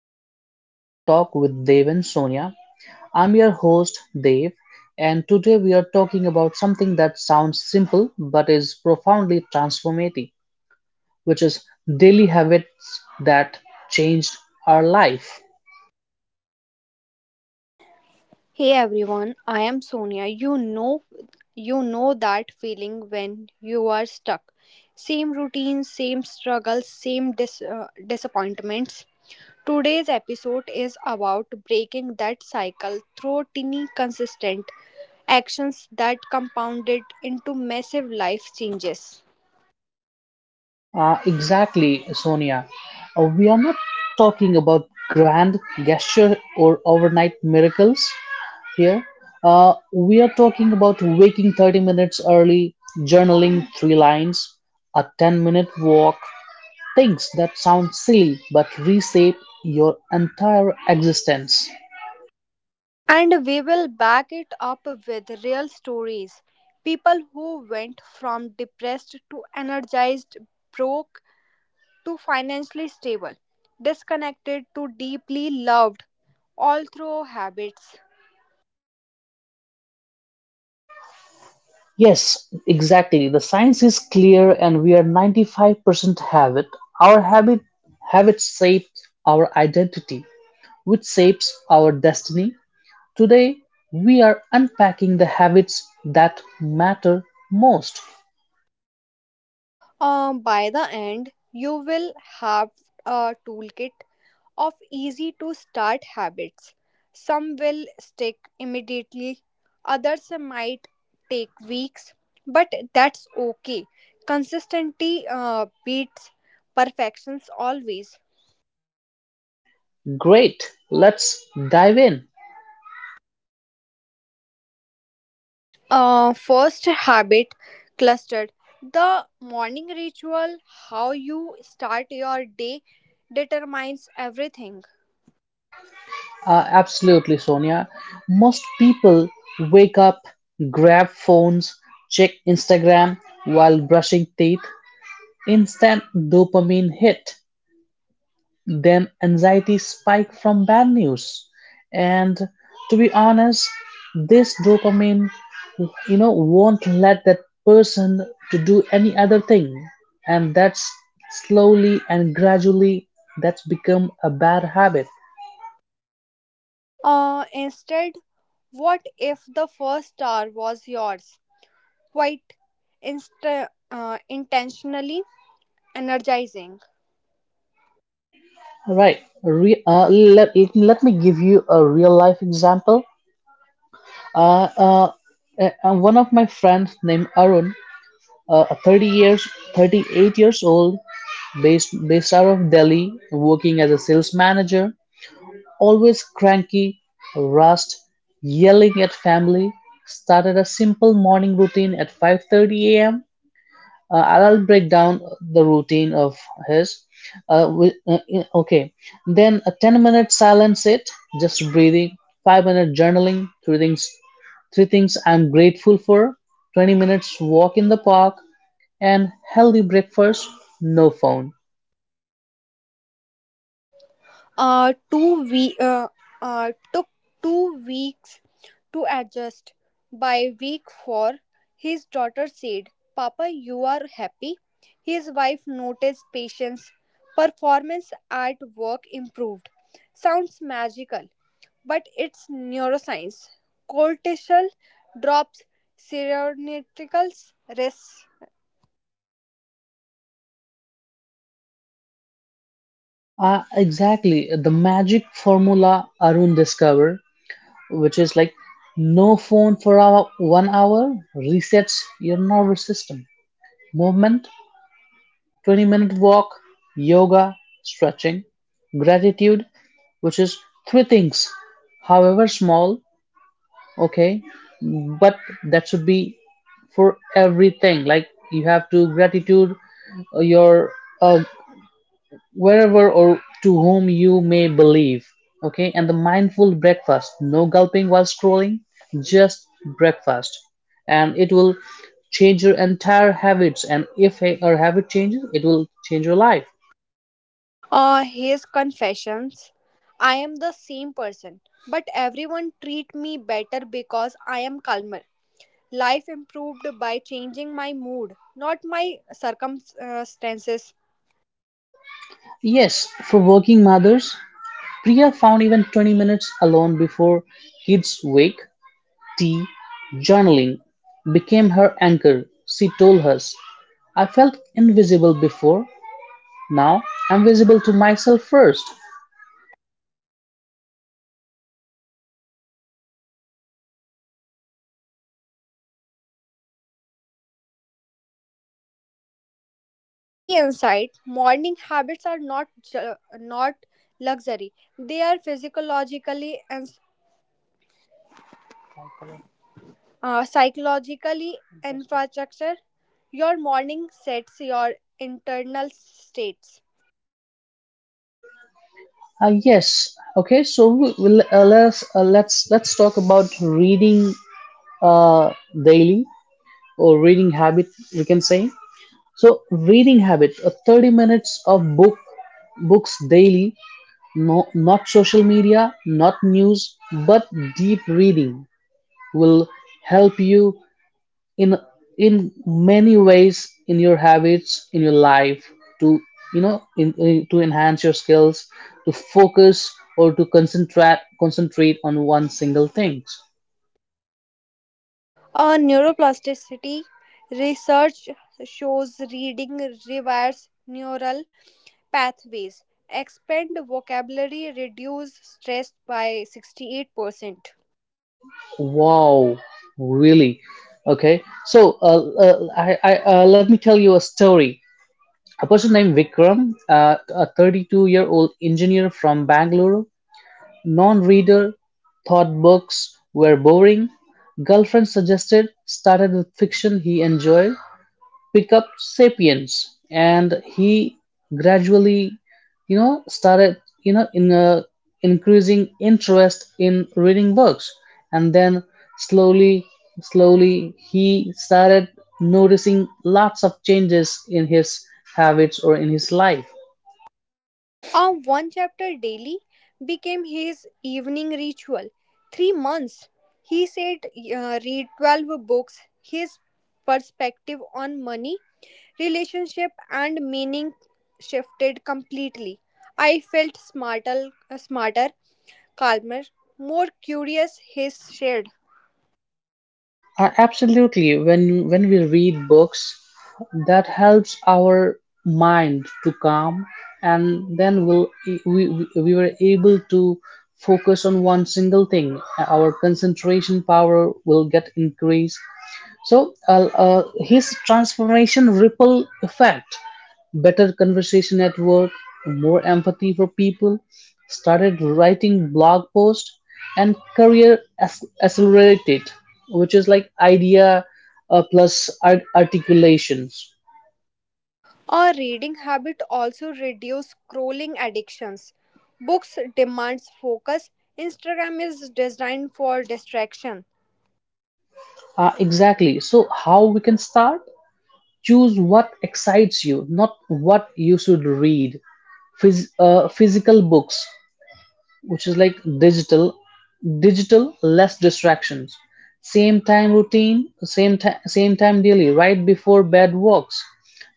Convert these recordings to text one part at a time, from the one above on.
Welcome back to Live Talk with Dave and Sonia. I'm your host, Dave, and today we are talking about something that sounds simple but is profoundly transformative, which is daily habits that changed our life. Hey everyone, I am Sonia. You know that feeling when you are stuck. Same routine, same struggles, same disappointments. Today's episode is about breaking that cycle through tiny consistent actions that compounded into massive life changes. Exactly, Sonia. We are not talking about grand gesture or overnight miracles here. We are talking about waking 30 minutes early, journaling three lines, a 10-minute walk, things that sound silly but reshape your entire existence. And we will back it up with real stories. People who went from depressed to energized, broke to financially stable, disconnected to deeply loved, all through habits. Yes, exactly. The science is clear and we are 95% habit. Our habits shape our identity, which shapes our destiny. Today, we are unpacking the habits that matter most. By the end, you will have a toolkit of easy to start habits. Some will stick immediately, others might take weeks, but that's okay. Consistency beats perfections always. Great, let's dive in. First habit clustered. The morning ritual, how you start your day, determines everything. Absolutely, Sonia. Most people wake up, grab phones, check Instagram while brushing teeth. Instant dopamine hit, then anxiety spike from bad news. And to be honest, this dopamine won't let that person to do any other thing. And that's slowly and gradually that's become a bad habit. Instead, what if the first hour was yours? Quite intentionally energizing. All right. A re- let, let let me give you a real life example. Uh, uh, one of my friends named Arun, a 30 years, 38 years old, based out of Delhi, working as a sales manager, always cranky, rust, yelling at family, started a simple morning routine at 5:30 a.m. I'll break down the routine of his. Okay, then a 10-minute silence sit, just breathing, 5-minute journaling, three things, I'm grateful for, 20 minutes walk in the park, and healthy breakfast, no phone. Two we took 2 weeks to adjust. By week four, his daughter said, "Papa, you are happy." His wife noticed patience. Performance at work improved. Sounds magical but it's neuroscience. Cortisol drops, serotonin rises. Exactly, the magic formula Arun discovered, which is like no phone for hour, 1 hour resets your nervous system. Movement 20-minute walk, yoga, stretching, gratitude, which is three things, however small, okay, but that should be for everything. Like you have to gratitude your uh, wherever or to whom you may believe, okay, and the mindful breakfast, no gulping while scrolling, just breakfast, and it will change your entire habits. And if a habit changes, it will change your life. His confessions: I am the same person, but everyone treat me better because I am calmer. Life improved by changing my mood, not my circumstances. Yes, for working mothers, Priya found even 20 minutes alone before kids wake, tea, journaling became her anchor. She told us, I felt invisible before, now I'm visible to myself first. A key insight: morning habits are not luxury, they are physiologically and psychologically infrastructure. Your morning sets your internal states. Ah yes, okay, so we, we'll, let's talk about reading uh, daily or reading habit, we can say. So, reading habit, 30 minutes of books daily. No, not social media, not news, but deep reading will help you in in many ways in your habits, in your life to to enhance your skills, to focus or to concentrate on one single thing. Neuroplasticity research shows reading rewires neural pathways, expand vocabulary, reduce stress by 68%. Wow, really? Okay. So, let me tell you a story. A person named Vikram, a 32-year-old engineer from Bangalore, non-reader thought books were boring. Girlfriend suggested started with fiction he enjoyed, pick up *Sapiens*, and he gradually, started, you know, in increasing interest in reading books, and then slowly, slowly, he started noticing lots of changes in his habits or in his life. One chapter daily became his evening ritual. 3 months, he said, read 12 books. His perspective on money, relationship, and meaning shifted completely. I felt smarter, calmer, more curious, his shared. Absolutely. When we read books, that helps our mind to calm, and then we'll, we were able to focus on one single thing. Our concentration power will get increased. So his transformation ripple effect better conversation at work, more empathy for people, started writing blog posts and career accelerated, which is like idea plus articulations. Our reading habit also reduces scrolling addictions. Books demands focus. Instagram is designed for distraction. Exactly. So how we can start? Choose what excites you, not what you should read. Physical books, which is like digital digital less distractions, same time routine, same time daily, right before bed walks,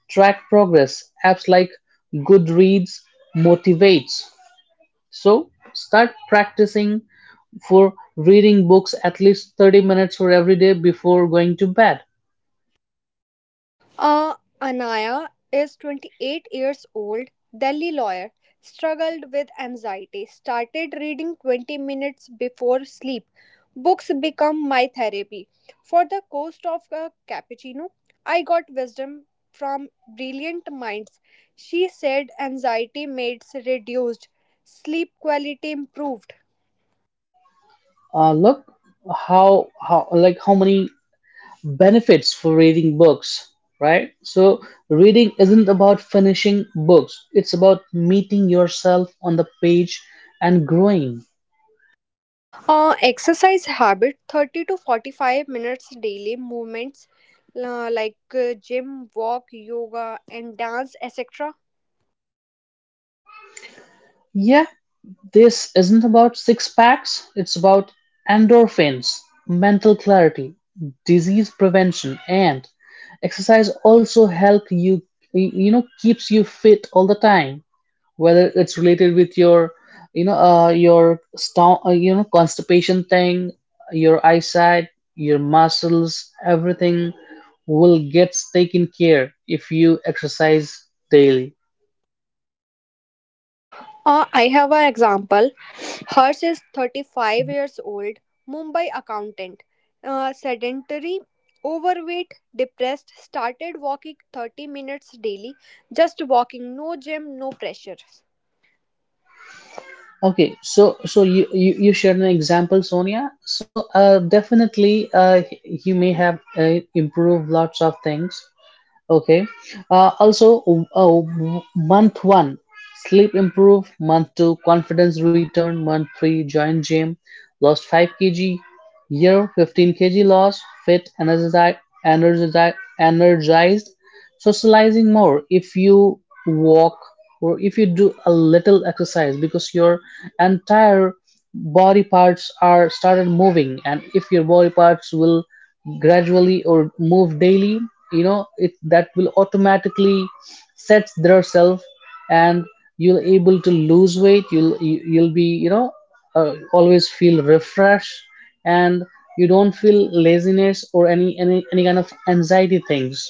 track progress apps like goodreads motivates, so start practicing for reading books at least 30 minutes for every day before going to bed. Uh, Anaya is 28 years old, Delhi lawyer, struggled with anxiety, started reading 20 minutes before sleep. Books become my therapy. For the cost of a cappuccino, I got wisdom from brilliant minds. She said anxiety meds reduced, sleep quality improved. Look how like how many benefits for reading books, right? So, reading isn't about finishing books, it's about meeting yourself on the page and growing. Exercise habit 30 to 45 minutes daily movements like gym, walk, yoga, and dance, etc. Yeah, this isn't about six packs, it's about endorphins, mental clarity, disease prevention, and exercise also help you you know keeps you fit all the time, whether it's related with your your constipation thing, your eyesight, your muscles, everything will get taken care if you exercise daily. I have an example. Hers is 35 years old, Mumbai accountant, sedentary, overweight, depressed, started walking 30 minutes daily, just walking, no gym, no pressure. Okay, so so you shared an example, Sonia, so definitely he may have improved lots of things. Okay. Also, month one, sleep improve. Month two, confidence return. Month three, join gym. Lost 5 kg. Year 15 kg loss. Fit, energized, energized, energized. Socializing more if you walk or if you do a little exercise because your entire body parts are started moving, and if your body parts will gradually or move daily, you know it that will automatically sets their self, and you'll able to lose weight. You'll be, always feel refreshed, and you don't feel laziness or any kind of anxiety things.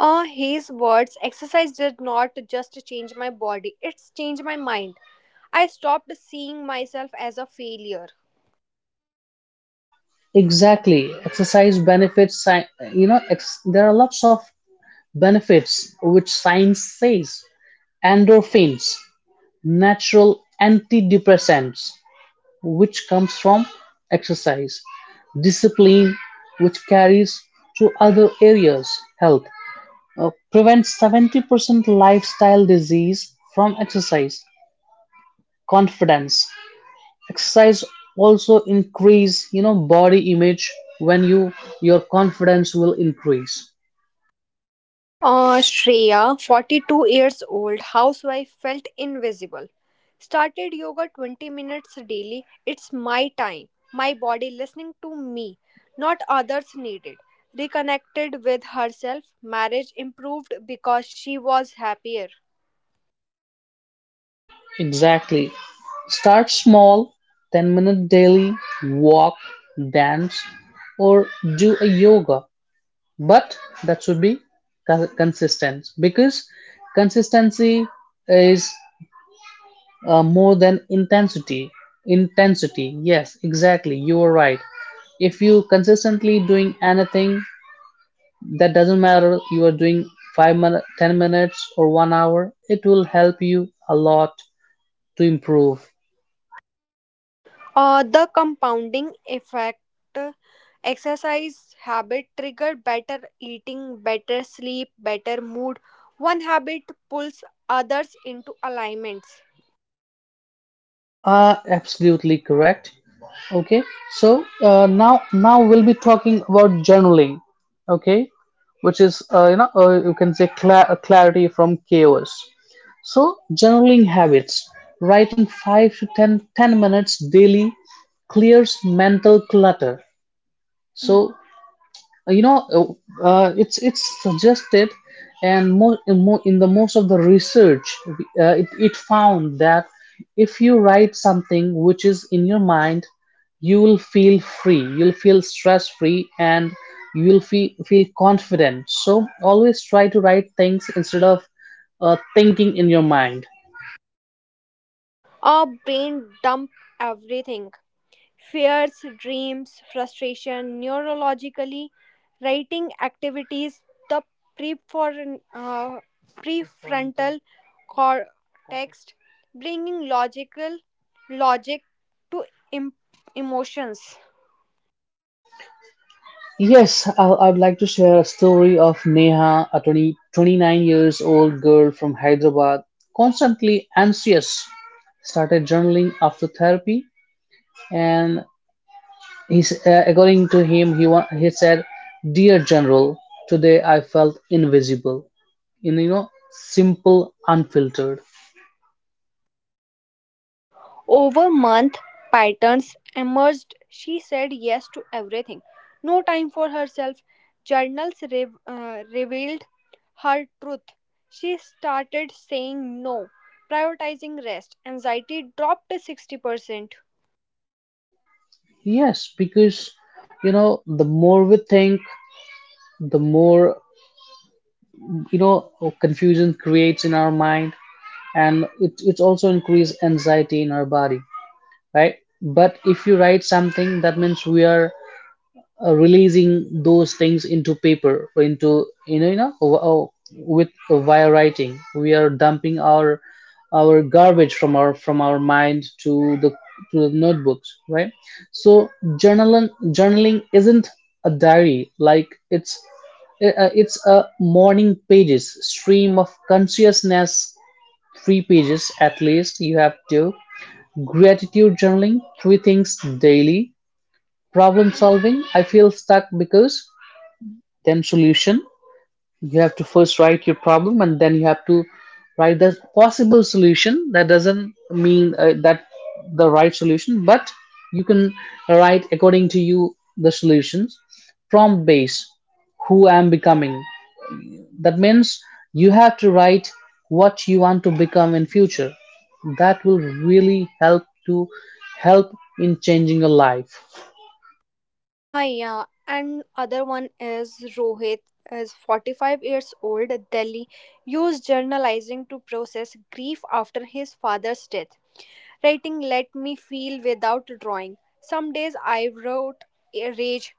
His words, exercise did not just change my body, it's changed my mind. I stopped seeing myself as a failure. Exactly. Exercise benefits, there are lots of benefits which science says. Endorphins, natural antidepressants, which comes from exercise, discipline, which carries to other areas, health, prevents 70% lifestyle disease from exercise, confidence. Exercise also increase, body image when your confidence will increase. Shreya, 42 years old, housewife, felt invisible. Started yoga 20 minutes daily. It's my time, my body listening to me, not others needed. Reconnected with herself, marriage improved because she was happier. Exactly. Start small, 10-minute daily walk, dance, or do a yoga. But that should be consistent because consistency is more than intensity. Intensity, yes, exactly. You are right. If you consistently doing anything, that doesn't matter. You are doing 5 minute, 10 minutes, or 1 hour. It will help you a lot to improve. The compounding effect, uh, exercise habit trigger better eating, better sleep, better mood. One habit pulls others into alignments. Absolutely correct. Okay, so now we'll be talking about journaling. Okay, which is you can say clarity from chaos. So journaling habits, writing five to 10 minutes daily clears mental clutter. So it's suggested, and more in, mo in the most of the research it found that if you write something which is in your mind, you will feel free, you'll feel stress free, and you will feel confident, so always try to write things instead of thinking in your mind. Our brain dump everything: fears, dreams, frustration, neurologically, writing activities, the prefor- uh, prefrontal cortex, bringing logic to em- emotions. Yes, I would like to share a story of Neha, a 20 29 years old girl from Hyderabad, constantly anxious, started journaling after therapy, and he's according to him he said, dear general, today I felt invisible in, simple unfiltered. Over month, patterns emerged. She said yes to everything. No time for herself. Journals revealed her truth. She started saying no, prioritizing rest. Anxiety dropped to 60%. Yes, because the more we think, the more you know confusion creates in our mind, and it also increases anxiety in our body, right? But if you write something, that means we are releasing those things into paper, or into you know w- with via writing we are dumping our garbage from our mind to the notebooks, right. So journaling isn't a diary, like it's a morning pages stream of consciousness, three pages at least you have to. Gratitude journaling, three things daily. Problem solving, I feel stuck because, then solution. You have to first write your problem and then you have to write the possible solution. That doesn't mean that the right solution, but you can write according to you the solutions, from base who I am becoming. That means you have to write what you want to become in future. That will really help to help in changing your life. Ah, yeah. And other one is Rohit is 45 years old, Delhi, used journalizing to process grief after his father's death. Writing let me feel without drawing. Some days I wrote a rage,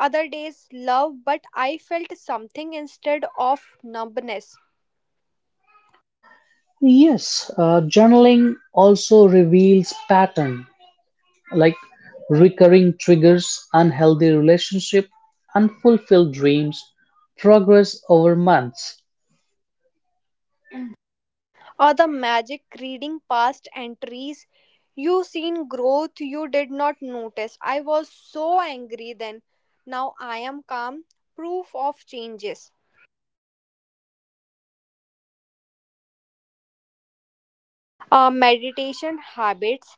other days love, but I felt something instead of numbness. Yes, journaling also reveals pattern, like recurring triggers, unhealthy relationship, unfulfilled dreams, progress over months. Or the magic reading past entries. You seen growth you did not notice. I was so angry then. Now I am calm, proof of changes. Meditation habits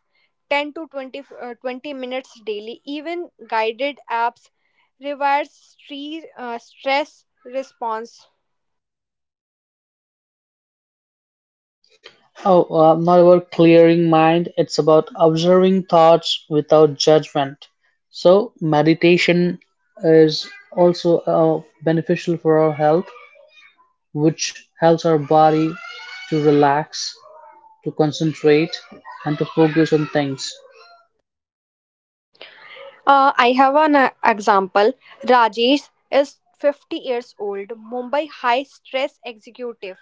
20 minutes daily, even guided apps reverse stress response. Oh, not about clearing mind. It's about observing thoughts without judgment. So meditation is also beneficial for our health, which helps our body to relax, to concentrate, and to focus on things. I have an example. Rajesh is 50 years old, Mumbai high stress executive.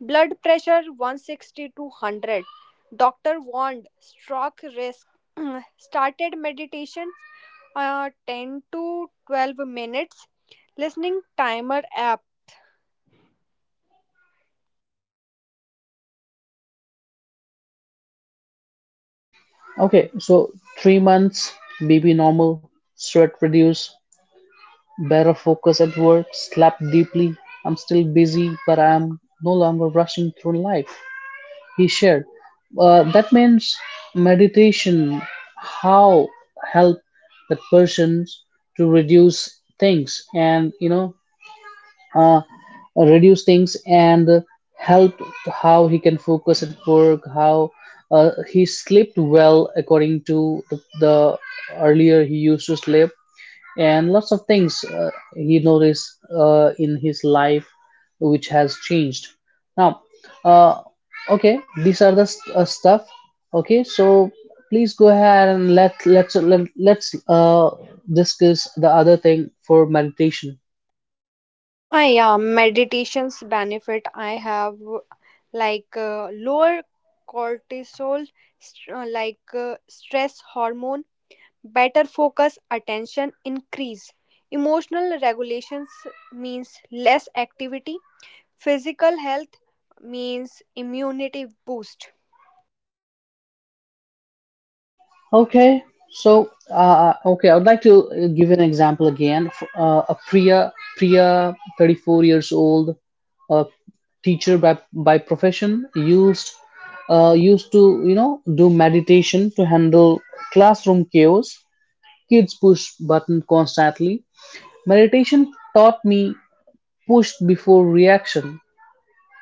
Blood pressure 160 to 100. Doctor warned stroke risk. Started meditation 10 to 12 minutes. Listening timer app. Okay, so 3 months, baby normal, sweat reduce, better focus at work, slept deeply. I'm still busy, but I'm no longer rushing through life. He shared. That means meditation, how help that persons to reduce things, and uh, reduce things and helped how he can focus at work, how he slept well according to the earlier he used to sleep, and lots of things he noticed in his life, which has changed now. Uh, okay these are the stuff. Okay, so please go ahead and let's discuss the other thing for meditation. Ah, yeah, meditation's benefit I have like lower cortisol, stress hormone, better focus, attention increase. Emotional regulations means less activity. Physical health means immunity boost. Okay, I would like to give an example again. Priya, 34 years old, a teacher by profession, used to you know do meditation to handle classroom chaos. Kids push button constantly. Meditation taught me push before reaction,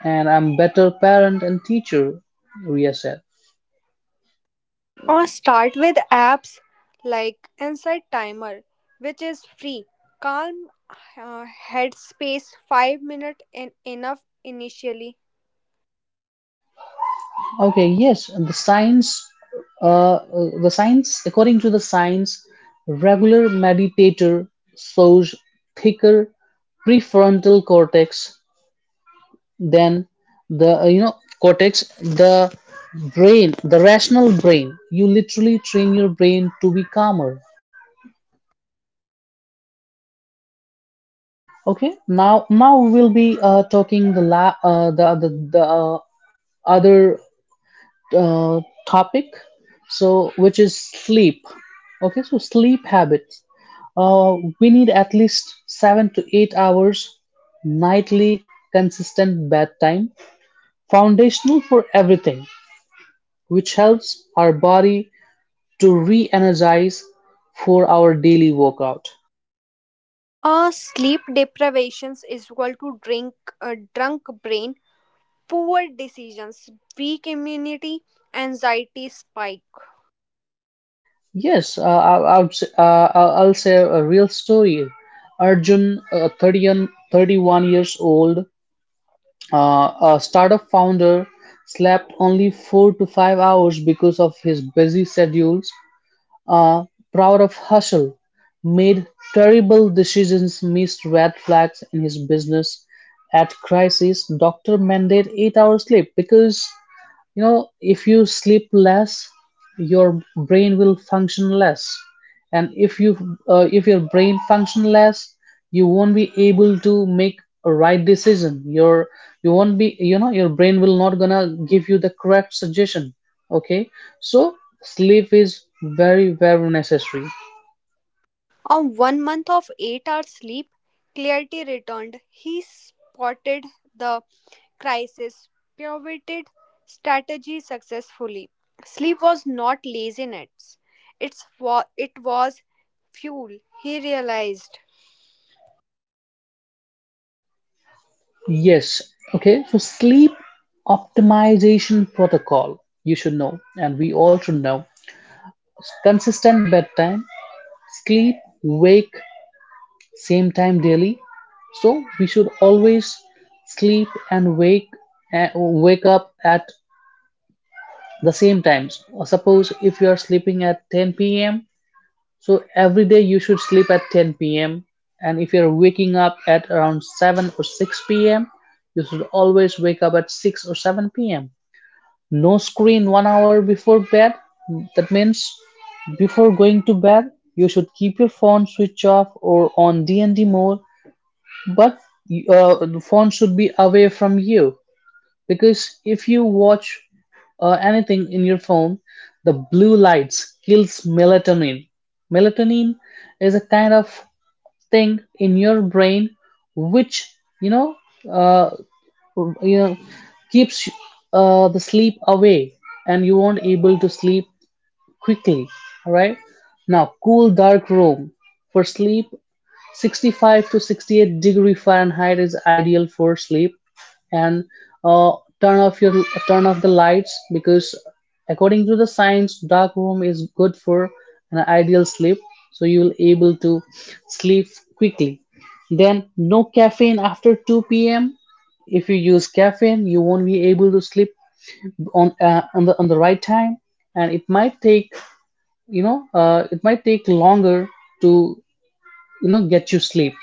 and I'm better parent and teacher. Ria said. Or start with apps like Insight Timer, which is free. Calm headspace 5 minutes and enough initially. Okay, yes, the science, according to the science, regular meditator shows thicker prefrontal cortex than the, cortex, the brain, the rational brain. You literally train your brain to be calmer. Okay, now we will be talking the la the other uh, topic, so which is sleep. Okay, so sleep habits. We need at least 7 to 8 hours nightly, consistent bedtime, foundational for everything, which helps our body to re-energize for our daily workout. Sleep deprivations is equal to drunk brain, poor decisions, weak immunity, anxiety spike. Yes. I'll say a real story. Arjun, 30 and 31 years old. A startup founder, slept only 4 to 5 hours because of his busy schedules. Uh, Proud of hustle, made terrible decisions, missed red flags in his business. At crisis, doctor mandate 8 hours sleep, because you know if you sleep less, your brain will function less. And if your brain function less, you won't be able to make a right decision. Your- you won't be you know your brain will not gonna give you the correct suggestion. Okay, so sleep is very necessary. On 1 month of 8 hours sleep, clarity returned. He spotted the crisis, pivoted strategy successfully. Sleep was not laziness, it was fuel, he realized. Yes. Okay. So sleep optimization protocol, you should know, and we all should know. Consistent bedtime, sleep, wake same time daily. So we should always sleep and wake up at the same times. Suppose if you are sleeping at 10 p.m., so every day you should sleep at 10 p.m., and if you're waking up at around 7 or 6 p.m., you should always wake up at 6 or 7 p.m. No screen 1 hour before bed. That means before going to bed, you should keep your phone switch off or on D&D mode, but the phone should be away from you, because if you watch anything in your phone, the blue lights kills melatonin. Melatonin is a kind of thing in your brain which, you know, uh, you know, keeps the sleep away, and you won't able to sleep quickly. All right, now cool dark room for sleep. 65 to 68 degree Fahrenheit is ideal for sleep, and turn off the lights, because according to the science, dark room is good for an ideal sleep, so you will able to sleep quickly. Then no caffeine after 2 p.m. If you use caffeine, you won't be able to sleep on on the right time, and it might take, you know, it might take longer to, you know, get you sleep.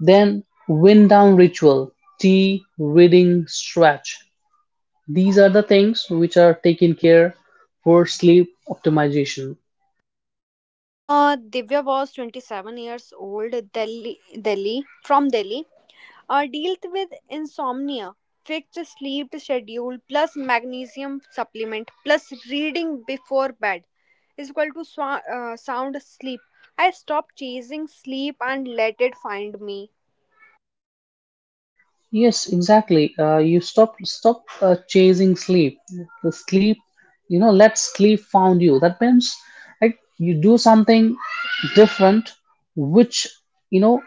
Then wind down ritual, tea, reading, stretch. These are the things which are taken care for sleep optimization. Divya was 27 years old, Delhi, from Delhi. Dealt with insomnia, fixed sleep schedule plus magnesium supplement plus reading before bed is equal to sound sleep. I stopped chasing sleep and let it find me. Yes, exactly. You stop chasing sleep. The sleep, you know, let sleep found you. That means, right? You do something different, which, you know,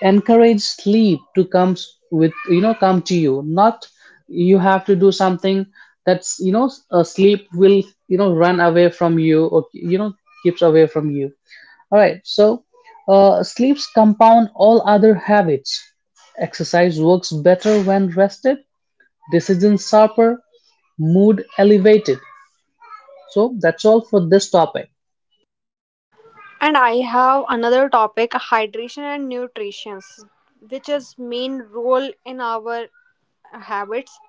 encourage sleep to come with, you know, come to you, not you have to do something. That's, you know, sleep will, you know, run away from you, or, you know, keeps away from you. All right, so sleeps compound all other habits. Exercise works better when rested, decisions sharper, mood elevated. So that's all for this topic. And I have another topic, hydration and nutrition, which is main role in our habits.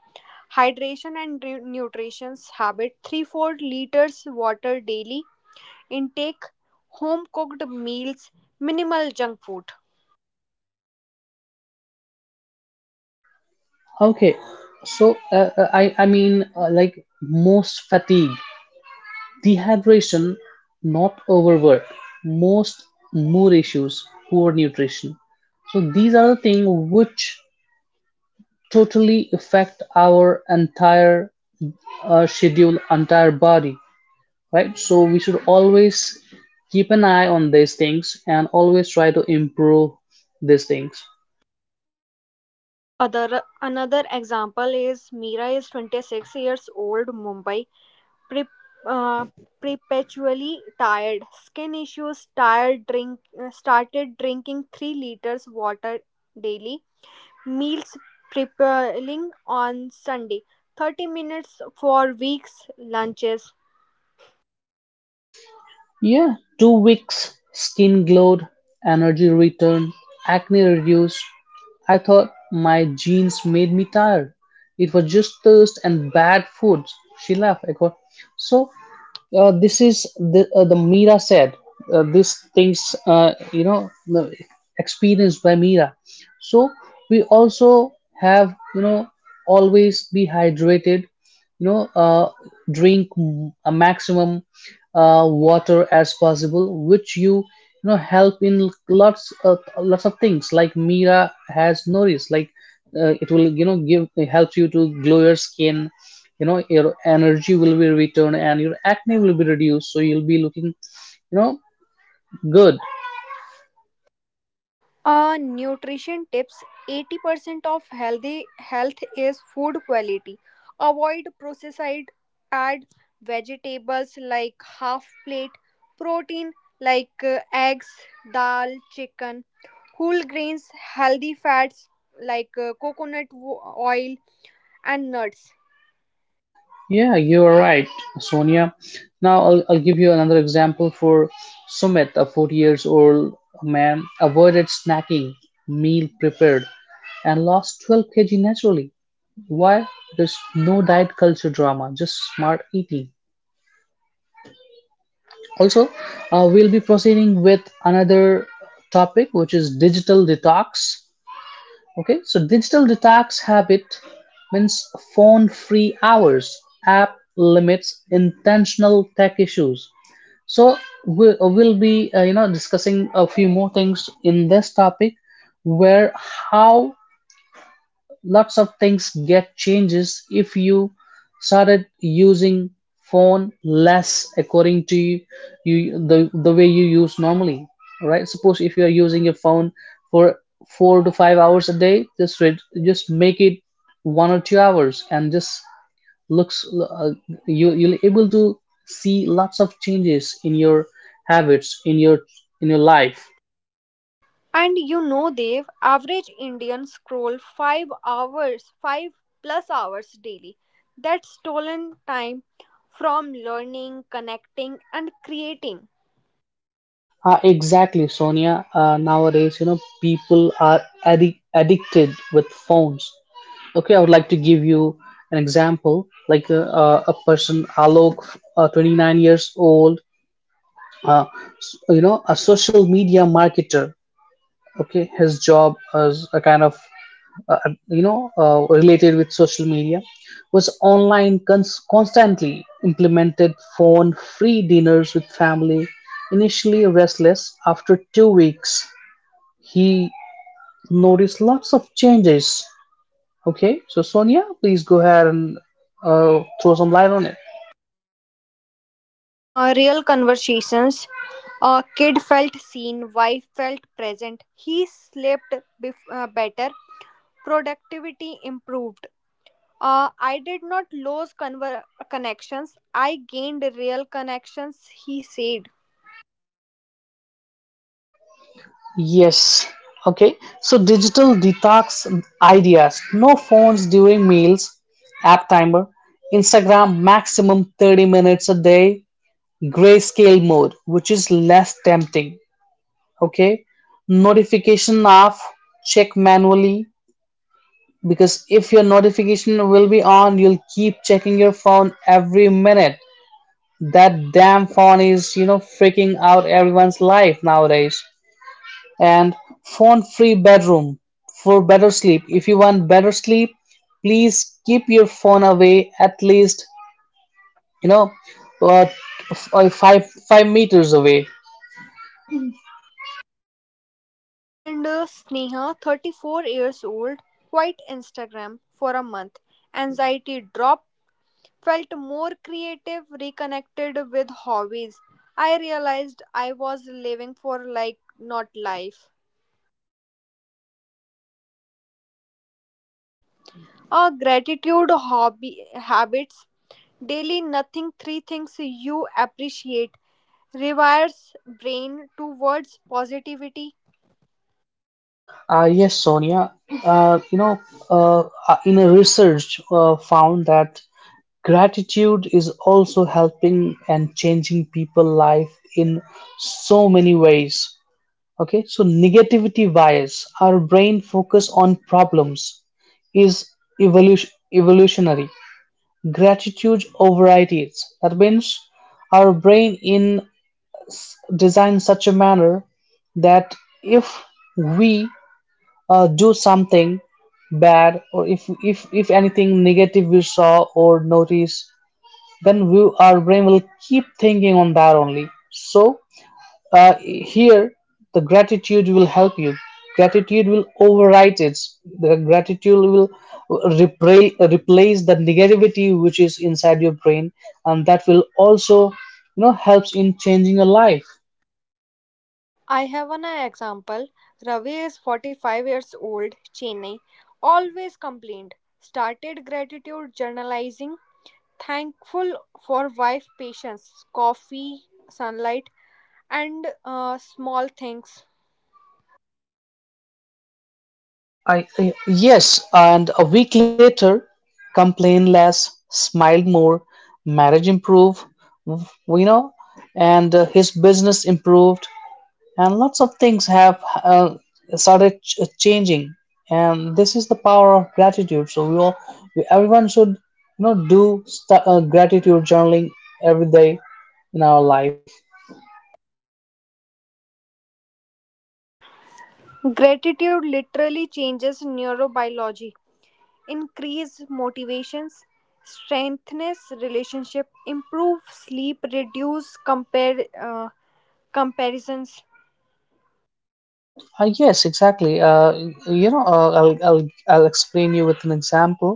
Hydration and nutrition habit 3 4 liters water daily intake, home cooked meals, minimal junk food. Okay, so I mean, like, most fatigue, dehydration, not overwork. Most mood issues, poor nutrition. So these are the things which totally affect our entire schedule, entire body, right? So we should always keep an eye on these things and always try to improve these things. And other another example is Mira is 26 years old, Mumbai, pre- uh, perpetually tired, skin issues, tired drink, started drinking 3 liters water daily, meals preparing on Sunday 30 minutes for weeks lunches. Yeah, 2 weeks, skin glowed, energy returned, acne reduced. I thought my genes made me tired. It was just thirst and bad food. She laughed. I go, so this is the, the Mira said. These things, you know, the- experienced by Mira. So we also have, you know, always be hydrated. You know, drink a maximum water as possible, which you know, help in lots of things, like Mira has noticed. Like it will, you know, give, it helps you to glow your skin. You know, your energy will be returned, and your acne will be reduced, so you'll be looking, you know, good. Nutrition tips: 80% of healthy health is food quality. Avoid processed, add vegetables like half plate, protein like eggs, dal, chicken, whole grains, healthy fats like oil, and nuts. Yeah, you are right, Sonia. Now I'll give you another example. For Sumit, a 40 years old man, avoided snacking, meal prepared, and lost 12 kg naturally. Why? There's no diet culture drama, just smart eating. Also, we'll be proceeding with another topic, which is digital detox. Okay, so digital detox habit means phone free hours, app limits, intentional tech issues. So we will be, you know, discussing a few more things in this topic, where how lots of things get changes if you started using phone less according to you, the way you use normally, right? Suppose if you are using your phone for 4 to 5 hours a day, just just make it 1 or 2 hours, and just looks, you, you'll able to see lots of changes in your habits in your life. And you know, Dev, average Indian scroll 5 hours, five plus hours daily. That's stolen time from learning, connecting, and creating. Exactly, Sonia. Nowadays, you know, people are addicted with phones. Okay, I would like to give you an example. Like a person, Alok, 29 years old, uh, you know, a social media marketer. Okay, his job as a kind of uh, you know, related with social media, was online constantly implemented phone free dinners with family, initially restless. After 2 weeks, he noticed lots of changes. Okay, so Sonia, please go ahead and throw some light on it. Real conversations. A kid felt seen, wife felt present. He slept better. Productivity improved. I did not lose connections. I gained real connections, he said. Yes. Okay. So digital detox ideas. No phones during meals. App timer. Instagram maximum 30 minutes a day. Grayscale mode, which is less tempting. Okay. Notification off. Check manually, because if your notification will be on, you'll keep checking your phone every minute. That damn phone is, you know, freaking out everyone's life nowadays. And phone free bedroom for better sleep. If you want better sleep, please keep your phone away at least, you know, uh, five meters away. And Sneha, 34 years old, quit Instagram for a month. Anxiety dropped, felt more creative, reconnected with hobbies. I realized I was living for like not life. Gratitude hobby habits: daily nothing three things you appreciate rewires brain towards positivity. Yes, Sonia. You know, uh, in a research, found that gratitude is also helping and changing people life in so many ways. Okay, so negativity bias, our brain focus on problems, is evolution, evolutionary. Gratitude overrides. That means our brain in design such a manner that if we do something bad, or if anything negative we saw or notice, then we, our brain will keep thinking on that only. So here the gratitude will help you. Gratitude will overwrite it. The gratitude will replace the negativity which is inside your brain, and that will also, you know, helps in changing your life. I have an example. Ravi is 45 years old, Chennai, always complained. Started gratitude journalizing, thankful for wife, patience, coffee, sunlight, and small things. Yes. And a week later, complain less, smile more, marriage improve, you know. And his business improved, and lots of things have started changing. And this is the power of gratitude. So we all, we, everyone should, you know, do gratitude journaling every day in our life. Gratitude literally changes neurobiology, increase motivations, strengthens relationship, improve sleep, reduce compare comparisons. Yes, exactly. You know, I'll explain you with an example.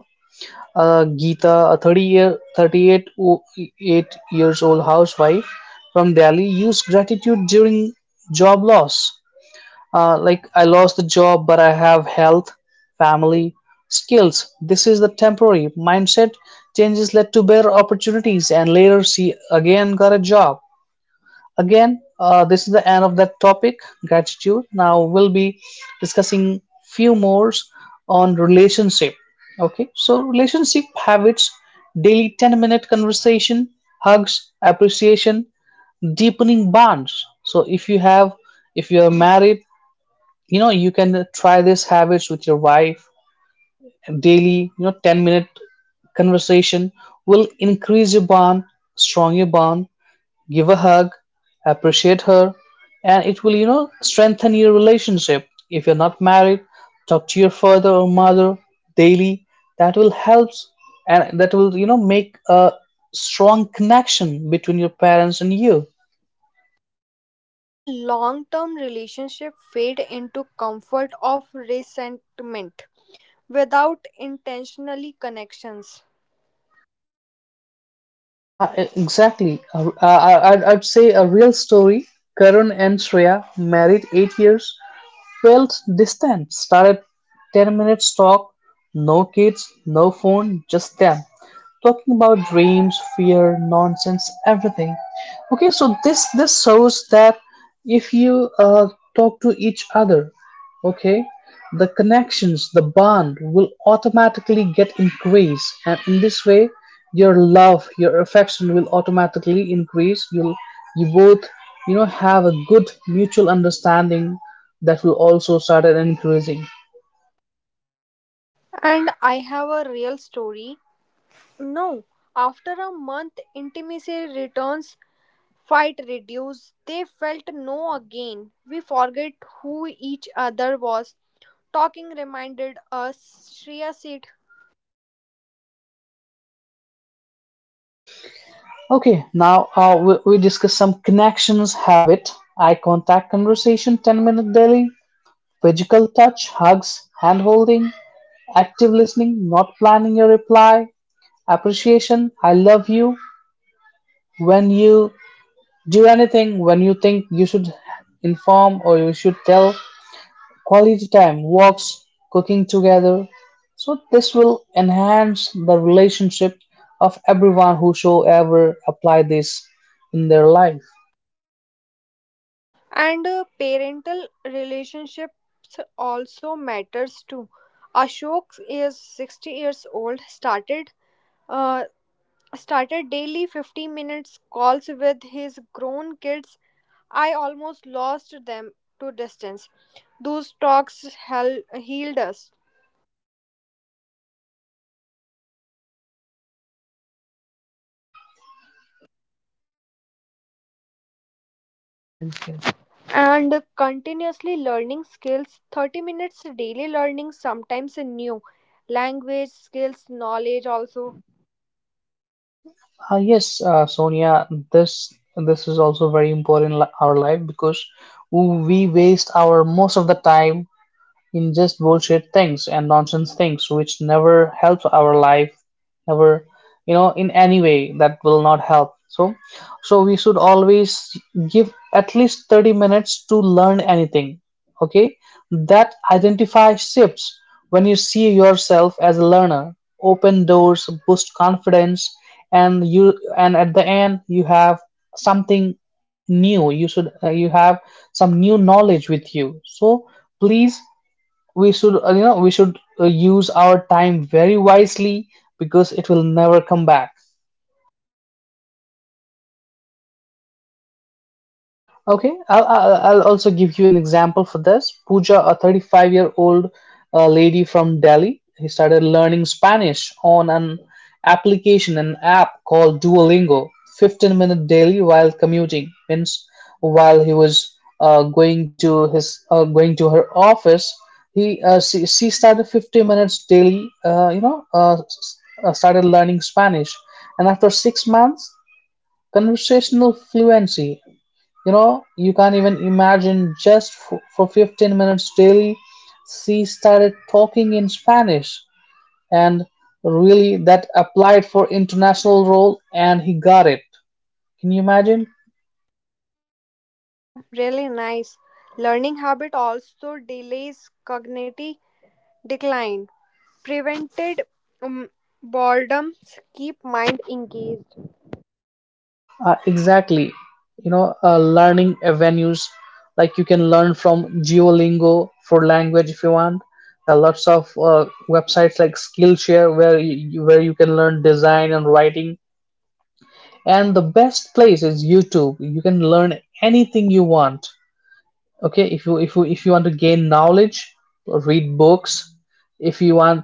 Geeta, a 38 eight years old housewife from Delhi, used gratitude during job loss. Like, I lost the job, but I have health, family, skills. This is the temporary mindset changes led to better opportunities, and later she again got a job. Again, this is the end of that topic, gratitude. Now we'll be discussing few more on relationship. Okay, so relationship habits, daily 10-minute conversation, hugs, appreciation, deepening bonds. So if you have, if you are married, you know, you can try these habits with your wife. Daily, you know, 10-minute conversation will increase your bond, strong your bond. Give a hug, appreciate her, and it will, you know, strengthen your relationship. If you're not married, talk to your father or mother daily. That will help, and that will, you know, make a strong connection between your parents and you. A long-term relationship fade into comfort of resentment without intentionally connections. Exactly. I'd say a real story. Karun and Shreya, married 8 years, felt distant. Started 10 minutes talk, no kids, no phone, just them. Talking about dreams, fear, nonsense, everything. Okay, so this shows that if you talk to each other. Okay, the connections, the bond will automatically get increased, and in this way your love, your affection will automatically increase. You'll, you both, you know, have a good mutual understanding. That will also start increasing. And I have a real story. No, after a month, intimacy returns, fight reduced. They felt no again. We forget who each other was. Talking reminded us, Shreya said. Okay, now we discuss some connections habit. Eye contact conversation 10-minute daily, physical touch, hugs, hand holding, active listening, not planning your reply, appreciation, I love you, when you do anything, when you think you should inform or you should tell. Quality time, walks, cooking together. So this will enhance the relationship of everyone who should ever apply this in their life. And parental relationships also matters too. Ashok is 60 years old, uh, started daily 50 minutes calls with his grown kids. I almost lost them to distance. Those healed us. And continuously learning skills, 30 minutes daily learning, sometimes a new language skills, knowledge also. Ah yes, Sonia, this is also very important in our life, because we waste our most of the time in just bullshit things and nonsense things, which never helps our life, never, you know, in any way, that will not help. So, so we should always give at least 30 minutes to learn anything. Okay, that identify shifts. When you see yourself as a learner, open doors, boost confidence. And you, and at the end you have something new. You should, you have some new knowledge with you. So, please, we should, you know, we should, use our time very wisely, because it will never come back. Okay, I'll also give you an example for this. Pooja, a 35-year-old lady from Delhi, he started learning Spanish on an application, an app called Duolingo, 15 minute daily while commuting. Means while he was going to his, going to her office, he, she started 15 minutes daily. You know, started learning Spanish, and after 6 months, conversational fluency, you know, you can't even imagine. Just for 15 minutes daily, she started talking in Spanish. And really, that applied for international role, and he got it. Can you imagine? Oh, really nice. Learning habit also delays cognitive decline. Prevented um, boredom, keep mind engaged. Exactly. You know, learning avenues like you can learn from Duolingo for language if you want. Lots of websites like Skillshare, where you can learn design and writing, and the best place is YouTube. You can learn anything you want. Okay, if you, if you want to gain knowledge, read books. If you want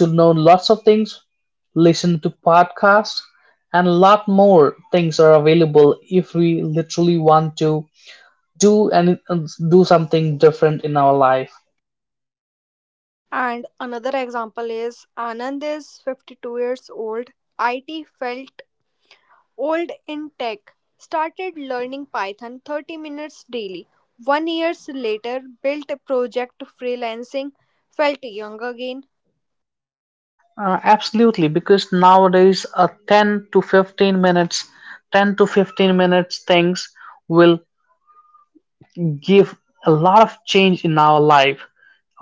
to know lots of things, listen to podcasts, and a lot more things are available if we literally want to do and do something different in our life. And another example is Anand is 52 years old. IT felt old in tech. Started learning Python 30 minutes daily. 1 year later, built a project freelancing. Felt young again. Absolutely, because nowadays, 10 to 15 minutes things will give a lot of change in our life.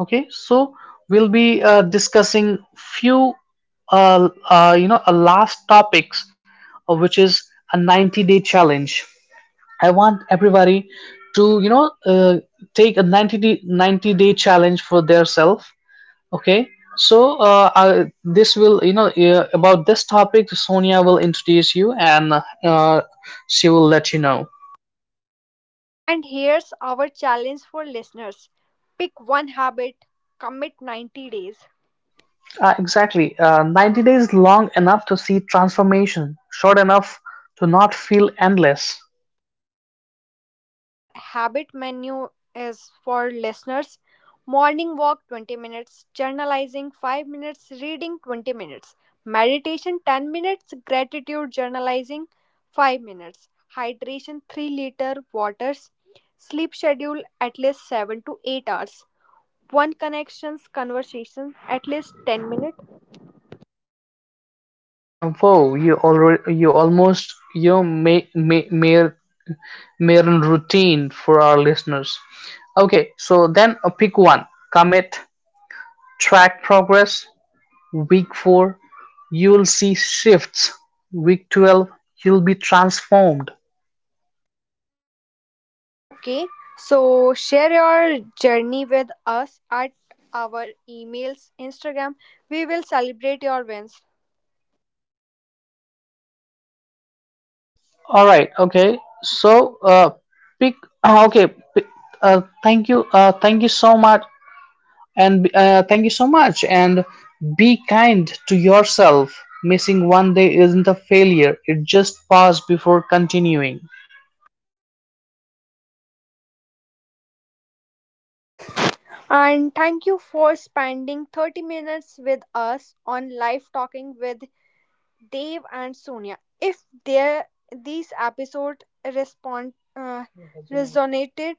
Okay, so we'll be, discussing few, you know, last topics, which is a 90-day challenge. I want everybody to, you know, take a 90-day challenge for their self. Okay, so I, this will, you know, about this topic Sonia will introduce you, and uh, she will let you know. And here's our challenge for listeners: pick one habit, commit 90 days. Exactly. 90 days long enough to see transformation, short enough to not feel endless. A habit menu is for listeners: morning walk 20 minutes, journalizing 5 minutes, reading 20 minutes, meditation 10 minutes, gratitude journalizing 5 minutes, hydration 3 liter waters, sleep schedule at least 7 to 8 hours, one connections conversation at least 10 minutes. Whoa, you already, you almost, you know, mere routine for our listeners. Okay, so then pick one. Commit, track progress. Week 4, you will see shifts. Week 12, you'll be transformed. Okay, so share your journey with us at our emails, Instagram. We will celebrate your wins. All right. Okay. So, pick. Okay. Pick, thank you. Thank you so much, and be kind to yourself. Missing one day isn't a failure. It just pause before continuing. And thank you for spending 30 minutes with us on live talking with Dave and Sonia. If their these episode respond resonated,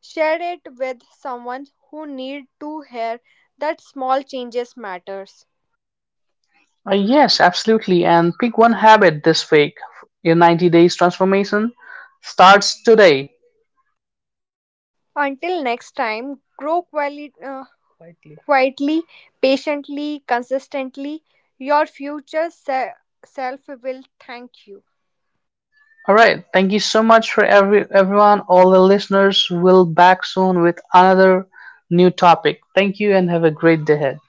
share it with someone who need to hear that small changes matters. Yes, absolutely. And pick one habit this week. Your 90 days transformation starts today. Until next time, grow quality quietly, patiently, consistently, your self will thank you. All right. Thank you so much for everyone. All the listeners will back soon with another new topic. Thank you and have a great day ahead.